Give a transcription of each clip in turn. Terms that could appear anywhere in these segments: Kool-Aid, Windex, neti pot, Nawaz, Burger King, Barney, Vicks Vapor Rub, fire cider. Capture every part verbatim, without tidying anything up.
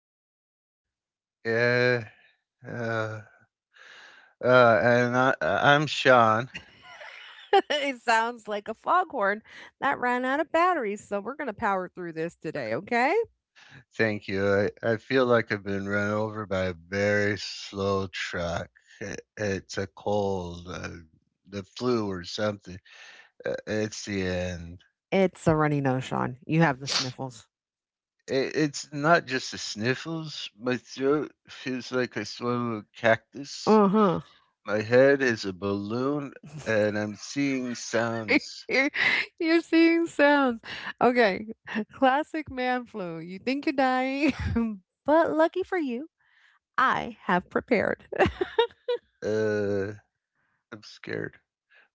Sean, Yeah. Uh, uh, and I, I'm Sean. it sounds like a foghorn that ran out of batteries, so we're gonna power through this today, okay? Thank you. I, I feel like I've been run over by a very slow truck. It, it's a cold, uh, the flu, or something. Uh, it's the end. It's a runny nose, Sean. You have the sniffles. It, it's not just the sniffles. My throat feels like I swallowed a cactus. Uh-huh. My head is a balloon, and I'm seeing sounds. You're, you're seeing sounds. Okay. Classic man flu. You think you're dying, but lucky for you, I have prepared. Uh, I'm scared.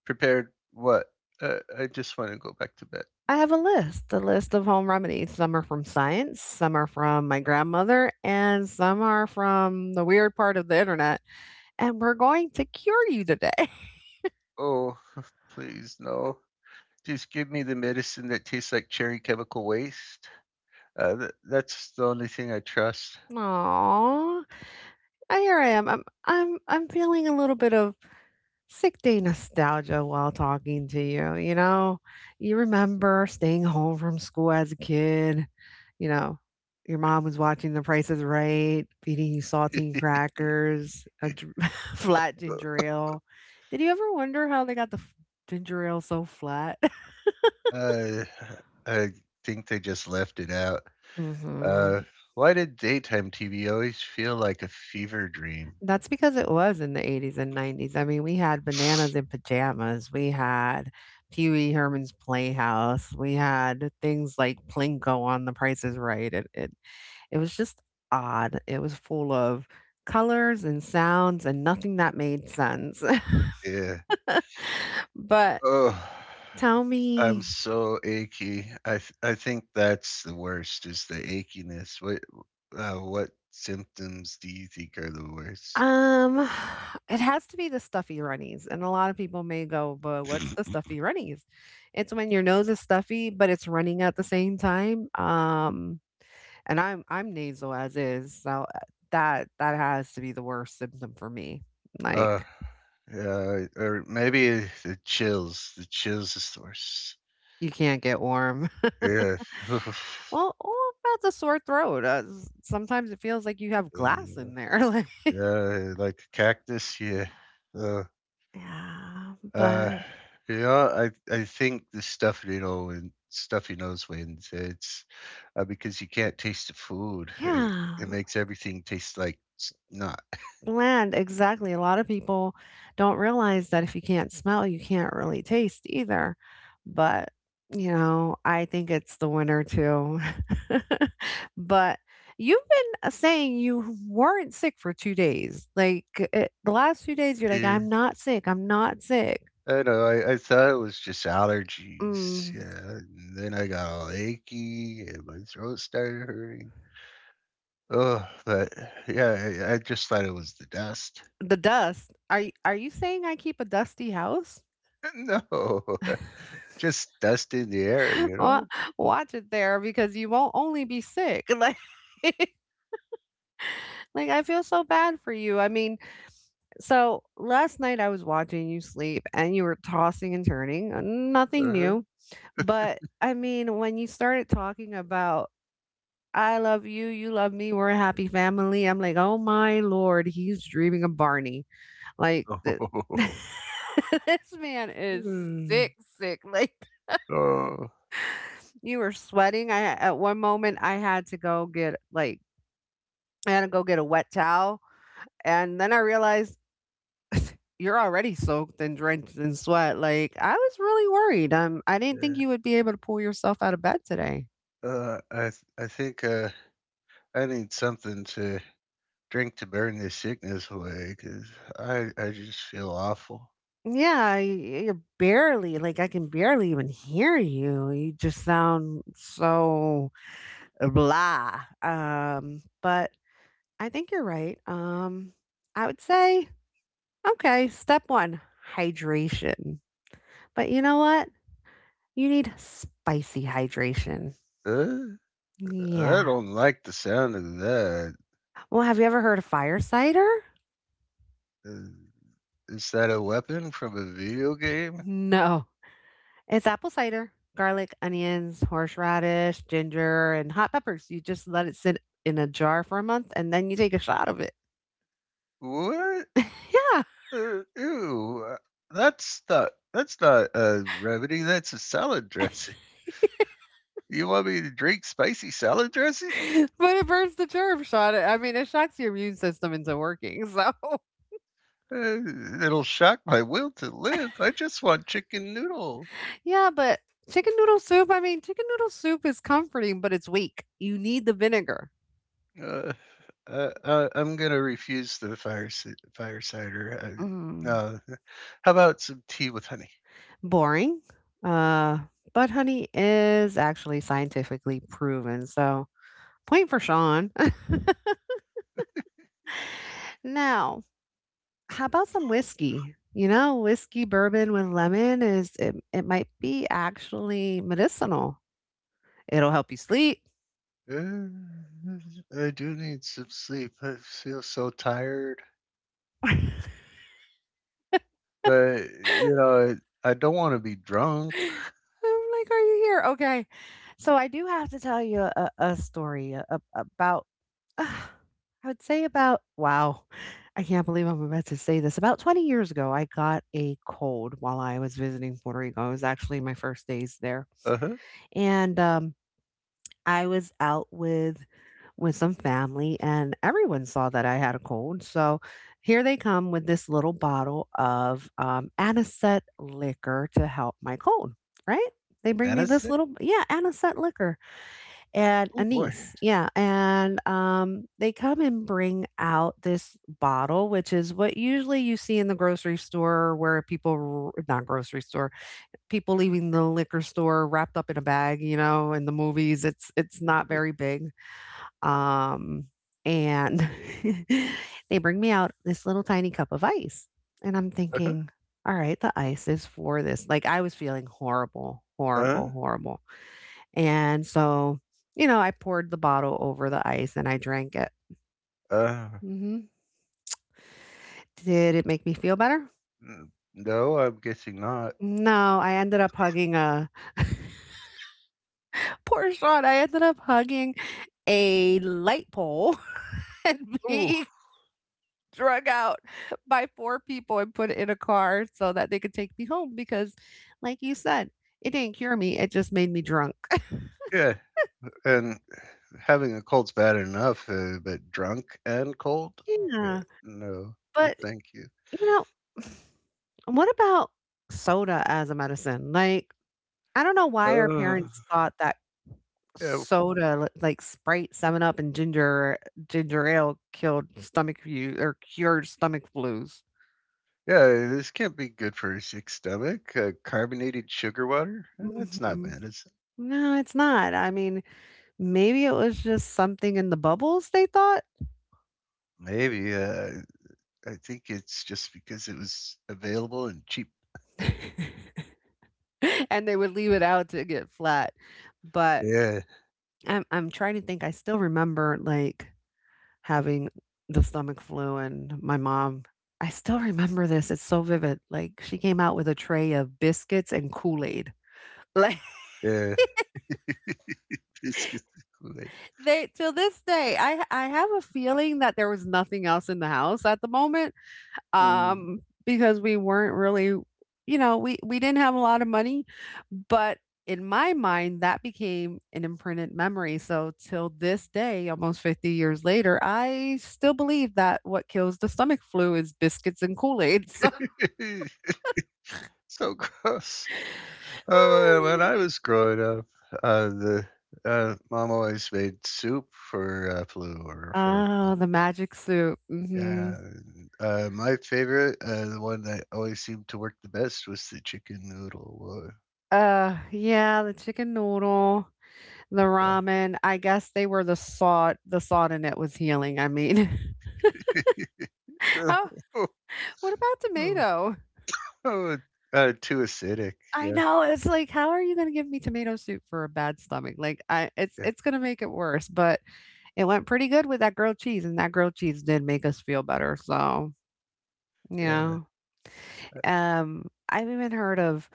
Prepared what? Uh, I just want to go back to bed. I have a list, a list of home remedies. Some are from science, some are from my grandmother, and some are from the weird part of the internet. And we're going to cure you today. Oh, please, no. Just give me the medicine that tastes like cherry chemical waste. Uh, th- that's the only thing I trust. Aw, I- Here I am. I'm I'm I'm feeling a little bit of sick day nostalgia while talking to you. You know, You remember staying home from school as a kid. You know, your mom was watching The Price is Right, feeding you saltine crackers, a dr- flat ginger ale. Did you ever wonder how they got the f- ginger ale so flat? uh, I think they just left it out. hmm Uh, why did daytime T V always feel like a fever dream? That's because it was in the eighties and nineties. I mean, we had Bananas in Pajamas. We had Pee Wee Herman's Playhouse. We had things like Plinko on The Price is Right. It, it, it was just odd. It was full of colors and sounds and nothing that made sense. Yeah. but Oh, tell I'm me, so achy. I th- I think that's the worst is the achiness. What uh, what symptoms do you think are the worst? um, it has to be the stuffy runnies. And a lot of people may go, but what's the stuffy runnies? It's when your nose is stuffy, but it's running at the same time. Um, And I'm I'm nasal as is, so, uh, that that has to be the worst symptom for me. Like, Uh, yeah, or maybe the chills. The chills is the worst. you can't get warm. Yeah. Well, all about the sore throat, uh, s sometimes it feels like you have glass Uh, in there, like yeah, like a cactus. Yeah. yeah, Uh, but yeah, I I think the stuffy know and stuffy nose wins. It's uh, because you can't taste the food. It, it yeah. makes everything taste like s- not. Bland, exactly. A lot of people don't realize that if you can't smell, you can't really taste either. But, you know, I think it's the winner too. but you've been uh, saying you weren't sick for two days. Like it, the last few days, you're like, Yeah. I'm not sick. I'm not sick. I know. I, I thought it was just allergies. Mm, Yeah. And then I got all achy and my throat started hurting. Oh, but yeah, I, I just thought it was the dust. the dust. Are you, are you saying I keep a dusty house? No, just dust in the air, Wa- you Watch it there because you won't only be sick. Like Like, I feel so bad for you. I mean, so last night I was watching you sleep and you were tossing and turning, uh, nothing know? new. But I mean, when you started talking about, I love you, you love me, we're a happy family, I'm like, oh my lord, he's dreaming of Barney. Like, th- Uh-huh. this man is Mm. sick, sick. Like, Oh, you were sweating. I, at one moment, I had to go get, like, I had to go get a wet towel. And then I realized you're already soaked and drenched in sweat. Like, I was really worried. Um, I didn't think you yeah. would be able to pull yourself out of bed today. Uh, I th- I think uh, I need something to drink to burn this sickness away because I I just feel awful. Yeah, y- you're barely like I can barely even hear you. You just sound so blah. Um, but I think you're right. Um, I would say okay, step one, hydration. But you know what? You need spicy hydration. Uh, I Yeah. don't like the sound of that. Well, have you ever heard of fire cider? Uh, is that a weapon from a video game? No. It's apple cider, garlic, onions, horseradish, ginger, and hot peppers. You just let it sit in a jar for a month, and then you take a shot of it. What? Yeah, Uh, ew! uh, That's not that's not a remedy. That's a salad dressing. You want me to drink spicy salad dressing? but it burns the germ shot. I mean, it shocks your immune system into working, so Uh, It'll shock my will to live. I just want chicken noodle. Yeah, but chicken noodle soup, I mean, chicken noodle soup is comforting, but it's weak. You need the vinegar. Uh, uh, uh, I'm gonna refuse the fire ci- fire cider. Uh, Mm. uh, how about some tea with honey? Boring, uh, but honey is actually scientifically proven, so point for Sean. Now how about some whiskey? You know, whiskey bourbon with lemon is it, it might be actually medicinal. It'll help you sleep. Uh, I do need some sleep. I feel so tired, I'm but you know, I, I don't want to be drunk. like, are you here? Okay. So I do have to tell you a, a story a- a- about, uh, I would say about, wow, I can't believe I'm about to say this. About twenty years ago, I got a cold while I was visiting Puerto Rico. It was actually my first days there. Uh huh. And um, I was out with with some family, and everyone saw that I had a cold. So here they come with this little bottle of um, anisette liquor to help my cold, right? They bring And me this little, yeah, anisette liquor and oh boy. anise. Yeah. And um, they come and bring out this bottle, which is what usually you see in the grocery store where people, r- not grocery store, people leaving the liquor store wrapped up in a bag, you know, in the movies. It's, it's not very big um, and they bring me out this little tiny cup of ice. And I'm Uh huh. thinking, all right, the ice is for this. Like I was feeling horrible, Uh horrible, huh. horrible. And so, you know, I poured the bottle over the ice and I drank it. Uh, Hmm. Did it make me feel better? n- no, I'm guessing not. No, I ended up hugging a poor Sean. I ended up hugging a light pole and Oh being drug out by four people and put it in a car so that they could take me home because, like you said, it didn't cure me. It just made me drunk. yeah. And having a cold's bad enough, uh, but drunk and cold. Yeah. Yeah. No, But, thank you. you know, what about soda as a medicine? Like, I don't know why our Ugh, parents thought that yeah, soda, li- like Sprite, Seven Up, and ginger ginger ale, killed stomach flu or cured stomach flus. yeah, this can't be good for a sick stomach. Uh, carbonated sugar water? Uh, That's not Mhm. bad. It's No, it's not. I mean, maybe it was just something in the bubbles they thought Maybe. Uh, I think it's just because it was available and cheap. and they would leave it out to get flat, but Yeah, I'm I'm trying to think, I still remember, like, having the stomach flu and my mom I still remember this, it's so vivid, like, she came out with a tray of biscuits and Kool-Aid. Like, yeah. Biscuits and they till this day, I I have a feeling that there was nothing else in the house at the moment, Kool-Aid. um, because we weren't really, you know, we we didn't have a lot of money, but in my mind, that became an imprinted memory. So till this day, almost fifty years later, I still believe that what kills the stomach flu is biscuits and Kool-Aid. So Mm. So gross. Oh, and when I was growing up, uh, the uh, mom always made soup for uh, flu or for oh, the magic soup. Hmm. yeah, uh, my favorite, uh, the one that always seemed to work the best was the chicken noodle. Uh, Uh, yeah, the chicken noodle, the ramen. I guess they were the salt. The salt in it was healing. I mean, Yeah. how? What about Oh, tomato? oh, uh, too acidic. I Yeah, know, it's like, how are you gonna give me tomato soup for a bad stomach? Like, I it's yeah, it's gonna make it worse, but it went pretty good with that grilled cheese, and that grilled cheese did make us feel better, so, yeah. yeah. Um, I've even heard of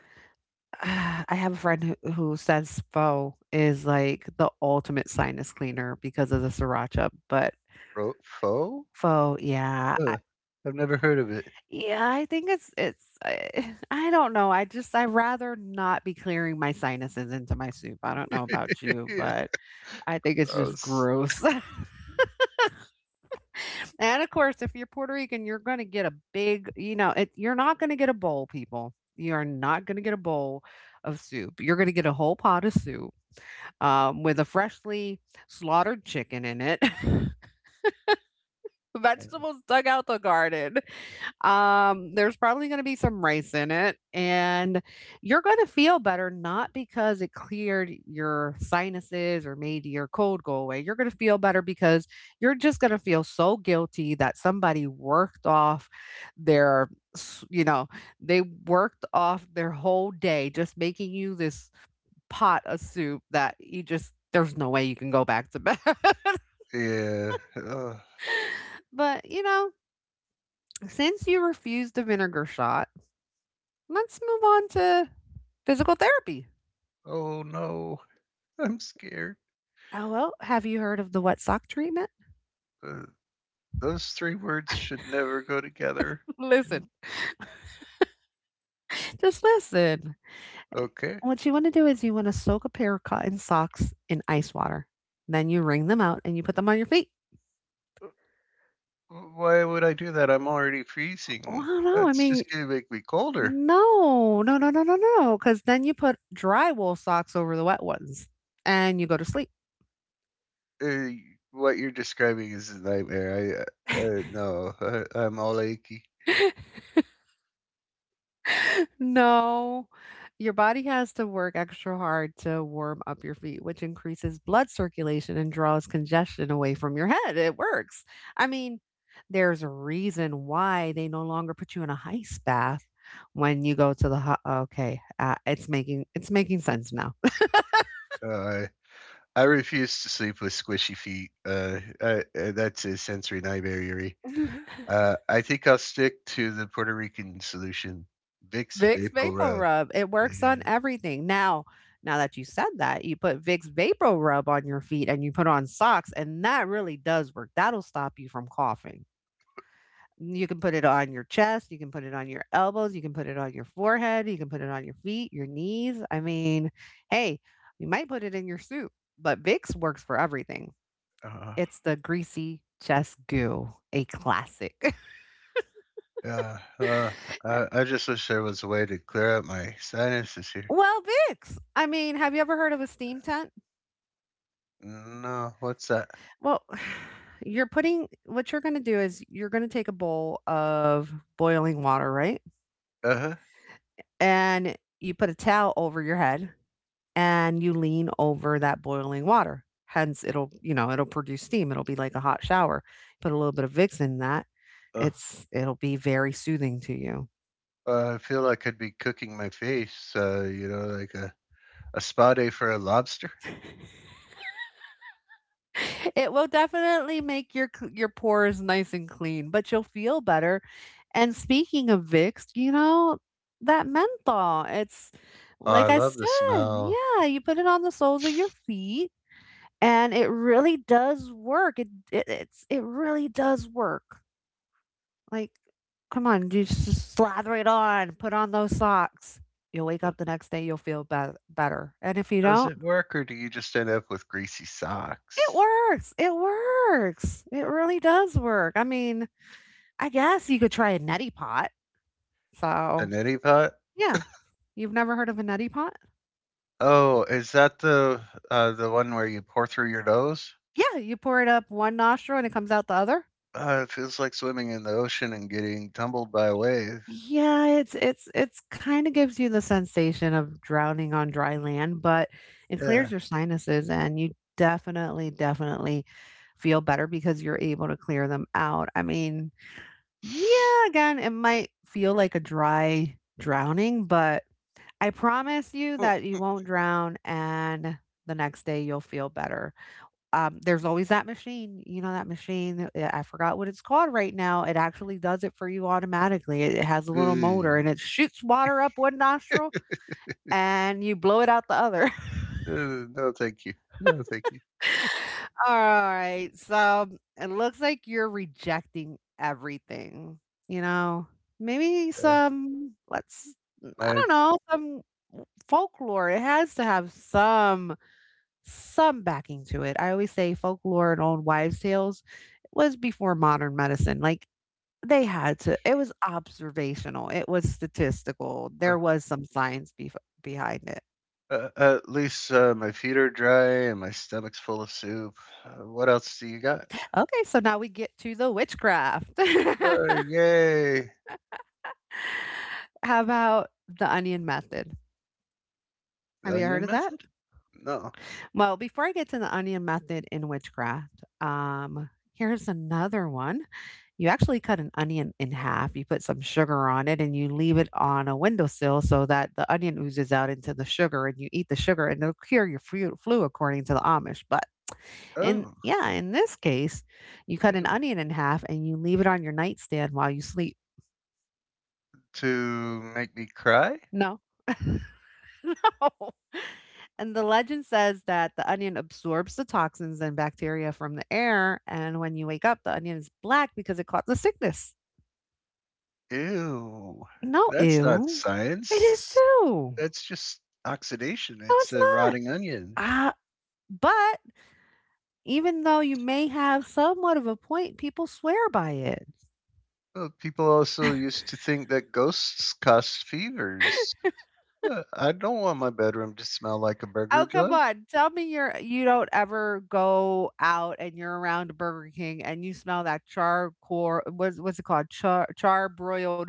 I have a friend who who says pho is, like, the ultimate sinus cleaner because of the sriracha, but Ro- pho? pho, yeah. Uh, I've never heard of it. Yeah, I think it's it's I I don't know, I just I rather not be clearing my sinuses into my soup, I don't know about you, Yeah, but I think it's just gross. gross, and of course, if you're Puerto Rican, you're gonna get a big you know, it you're not gonna get a bowl, people. You are not gonna get a bowl of soup. You're gonna get a whole pot of soup, um, with a freshly slaughtered chicken in it, vegetables dug out the garden. Um, there's probably going to be some rice in it, and you're going to feel better not because it cleared your sinuses or made your cold go away. You're going to feel better because you're just going to feel so guilty that somebody worked off their, s- you know, they worked off their whole day just making you this pot of soup that you just, there's no way you can go back to bed. Yeah. Uh, but, you know, since you refused the vinegar shot, let's move on to physical therapy. Oh no, I'm scared. Oh, well, have you heard of the wet sock treatment? Uh, those three words should never go together. Listen, just listen. Okay. What you want to do is you want to soak a pair of cotton socks in ice water. Then you wring them out and you put them on your feet. W why would I do that? I'm already freezing. Well, no! I That's mean, just gonna make me colder. no, no, no, no, no, no. Because then you put dry wool socks over the wet ones and you go to sleep. Uh, what you're describing is a nightmare. I, uh, uh, no, uh, I'm all achy. No, your body has to work extra hard to warm up your feet, which increases blood circulation and draws congestion away from your head. It works. I mean, there's a reason why they no longer put you in a ice bath when you go to the hot. Okay, uh, it's making it's making sense now. Uh, I refuse to sleep with squishy feet. Uh, uh, uh, that's a sensory nightmare, Yuri. Uh, I think I'll stick to the Puerto Rican solution, Vicks Vicks Vapor Vapor Rub. Rub. It works on Yeah. everything. Now, now that you said that, you put Vicks Vapor Rub on your feet and you put on socks, and that really does work. That'll stop you from coughing. You can put it on your chest, you can put it on your elbows, you can put it on your forehead, you can put it on your feet, your knees. I mean, hey, you might put it in your soup, but Vicks works for everything. Uh, It's the greasy chest goo, a classic. yeah. Uh, I, I just wish there was a way to clear out my sinuses here. well, Vicks. I mean, have you ever heard of a steam tent? No, what's that? Well, you're putting what you're going to do is you're going to take a bowl of boiling water, right? Uh-huh. And you put a towel over your head and you lean over that boiling water. Hence, it'll, you know, it'll produce steam. It'll be like a hot shower. Put a little bit of Vicks in that. Uh, It's it'll be very soothing to you. Uh, I feel like I'd be cooking my face, uh, you know, like a, a spa day for a lobster. It will definitely make your c- your pores nice and clean, but you'll feel better. And speaking of Vicks, you know, that menthol, it's Oh, I like I love the said, smell. yeah, you put it on the soles of your feet and it really does work. It, it it's it really does work. Like, come on, you just slather it on, put on those socks. You'll wake But up the next day, you'll feel be- better. And if you does don't, it work, or do you just end up with greasy it socks? works. It works. It really does work. I mean, I guess you could try a neti pot. The So, neti pot? yeah. You've never heard of a neti pot? Oh, is that the uh, the one where you pour through your nose? Yeah, you pour it up one nostril and it comes out the other. Uh, it feels like swimming in the ocean and getting tumbled by a wave. Yeah, it's it's it's kinda gives you the sensation of drowning on dry land, but it Yeah. clears your sinuses and you definitely, definitely feel better because you're able to clear them out. I mean, yeah, again, it might feel like a dry drowning, but I promise you Oh. that you won't drown and the next day you'll feel better. Um, there's always that machine, you know, that machine, eh, I forgot what it's called right now. It actually does it for you automatically. It it has a little motor Mm. and it shoots water up one nostril and you blow it out the other. Uh, no, thank you. No, thank you. Alright, so it looks like you're rejecting everything, you know? Maybe Uh, some, let's, mm, my I uh, don't know, some folklore, it has to have some some backing to it. I always say folklore and old wives' tales was before modern medicine, like, they had to. It was observational, it was statistical. There was some science bef behind it. Uh, at least uh, my feet are dry and my stomach's full of soup. Uh, what else do you got? Okay, so now we get to the witchcraft. Uh, yay! How about the onion method? The Have you onion heard of that? method? No. Well, before I get to the onion method in witchcraft, um, here's another one. You actually cut an onion in half, you put some sugar on it, and you leave it on a windowsill so that the onion oozes out into the sugar, and you eat the sugar, and it'll cure your flu, flu according to the Amish. But and Oh, yeah, in this case, you cut an ew. onion in half and you leave it on your nightstand while you sleep. To make me cry? No. no. And the legend says that the onion absorbs the toxins and bacteria from the air. And when you wake up, the onion is black because it caught the sickness. Ew. No, That's not ew. It is science. too. That's just oxidation. No, It's it's a not. rotting onion. Ah, but even though you may have somewhat of a point, people swear by it. Uh, people also used to think that ghosts caused fevers. Uh, I don't want my bedroom to smell like a Oh, burger come joint. on. Tell me you're you don't ever go out and you're around Burger King and you smell that charcoal, what's what's it called? Char char broiled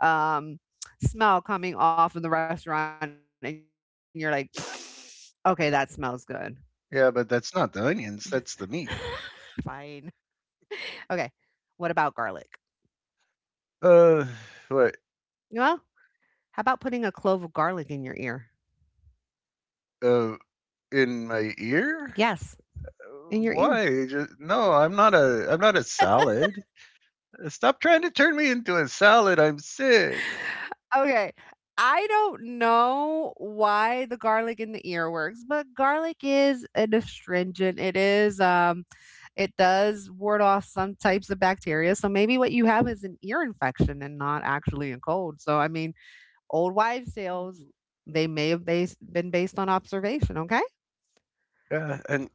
um smell coming off of the restaurant and you're like, "Okay, that smells good." Yeah, but that's not the onions, that's the meat. Fine. Okay. What about garlic? Uh, what? Well, how about putting a clove of garlic in your ear? Uh, in my ear? Yes, Uh, in your ear. Why? Just, no, I'm not a. I'm not a salad. Uh, Stop trying to turn me into a salad. I'm sick. Okay. I don't know why the garlic in the ear works, but garlic is an astringent. It is, um it does ward off some types of bacteria. So maybe what you have is an ear infection and not actually a cold. So I mean, old wives' tales, they may have based, been based on observation, okay? Uh, and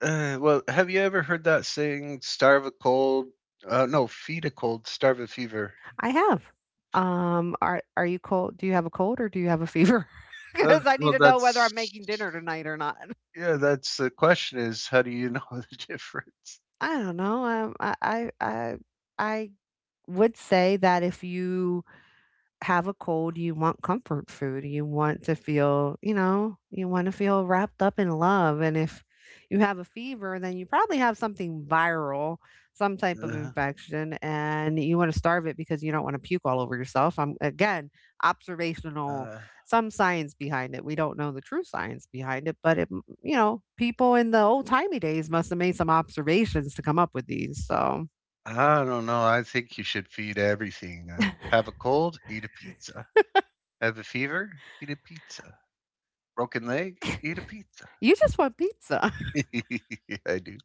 uh, Well, have you ever heard that saying? Starve a cold. Uh, no, feed a cold, starve a fever. I have. Um, are are you cold? Do you have a cold or do you have a fever? Uh, Because I need Well, to know whether that's I'm making dinner tonight or not. yeah. That's the question. Is how do you know the difference? I don't know. Um, I I I I would say that if you have a cold, you want comfort food. You want to feel, you know, you want to feel wrapped up in love. And if you have a fever, then you probably have something viral, some type of Uh, infection, and you want to starve it because you don't want to puke all over yourself. I'm again, observational, uh, some science behind it. We don't know the true science behind it, but it, you know, people in the old timey days must have made some observations to come up with these. So I don't know. I think you should feed everything. Uh, have a cold, eat a pizza. Have a fever, eat a pizza. Broken leg, eat a pizza. you just want pizza. I do.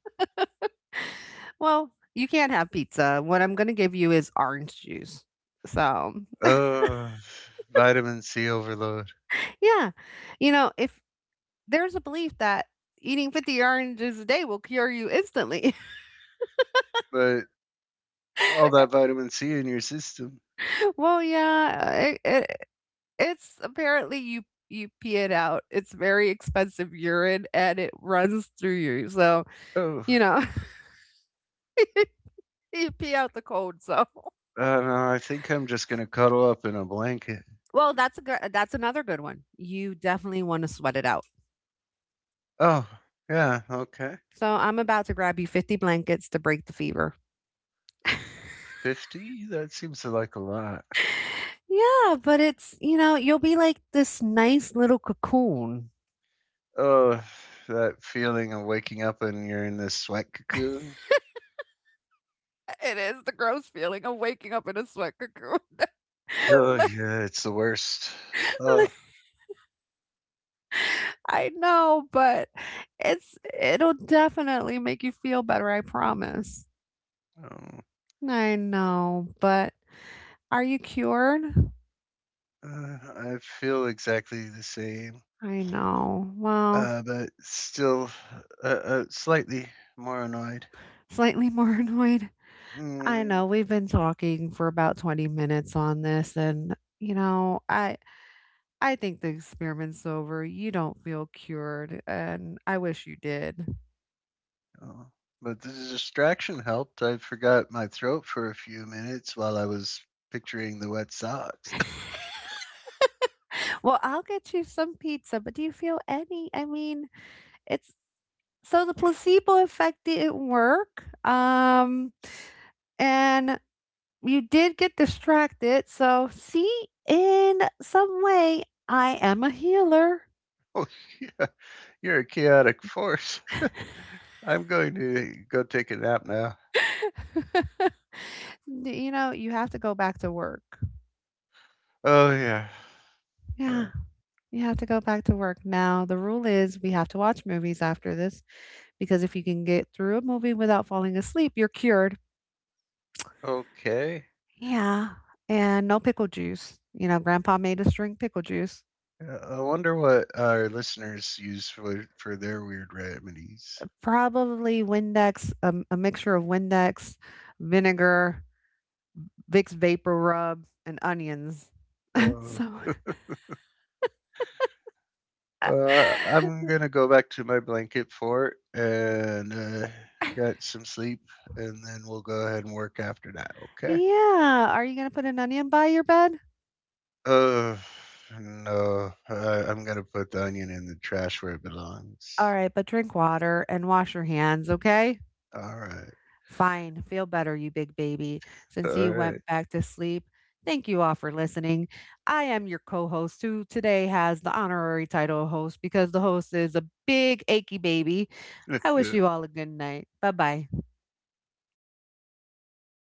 Well, you can't have pizza. What I'm gonna give you is orange juice. So, Uh, Vitamin C overload. yeah, you know, if there's a belief that eating fifty oranges a day will cure you instantly, But all that vitamin C in your system. well, yeah, it, it, it's apparently you you pee it out. It's very expensive urine, and it runs through you. So, Oh, you know. You pee out the cold, so uh, no, I think I'm just going to cuddle up in a blanket. well. That's a good. That's another good one. You definitely want to sweat it out. Oh, yeah, okay. So I'm about to grab you fifty blankets to break the fever. fifty? That seems like a lot. Yeah, but it's, you know, you'll be like this nice little cocoon. Oh, that feeling of waking up and you're in this sweat cocoon. It is the gross feeling of waking up in a sweat cocoon. Oh, Like yeah, it's the worst. Oh, like I know, but it's it'll definitely make you feel better, I promise. um, I know, but are you cured? uh, I feel exactly the same, I know. Well, uh, but still uh, uh, slightly more annoyed. slightly more annoyed. I Mm, know we've been talking for about twenty minutes on this and you know, I I think the experiment's over. You don't feel cured, and I wish you did. oh. But the distraction helped. I forgot my throat for a few minutes while I was picturing the wet socks. Well, I'll get you some pizza, but do you feel any? I mean, it's so the placebo effect didn't work. Um, and you did get distracted. So, see, in some way, I am a healer. Oh, yeah, you're a chaotic force. I'm going to go take a nap now. D- you know, you have to go back to work. Oh, yeah. Yeah, Uh, you have to go back to work now. The rule is we have to watch movies after this. Because if you can get through a movie without falling asleep, you're cured. okay. Yeah. And no pickle juice. You know, grandpa made us drink pickle juice. Uh, I wonder what our listeners use for for their weird remedies. Probably Windex, um, a mixture of Windex, vinegar, Vicks vapor rub, and onions. Uh, so, uh, I'm gonna go back to my blanket fort and uh, get some sleep, and then we'll go ahead and work after that. Okay. yeah. Are you going to put an onion by your bed? Uh, no, I, I'm gonna put the onion in the trash where it All belongs. right, but drink water and wash your hands, okay? All right. Fine. Feel better, you big baby. Since you All went back to sleep, thank you all for listening. I am your co host, who today has the honorary title of host because the host is a big achy baby. I wish right. you all a good night. Bye bye.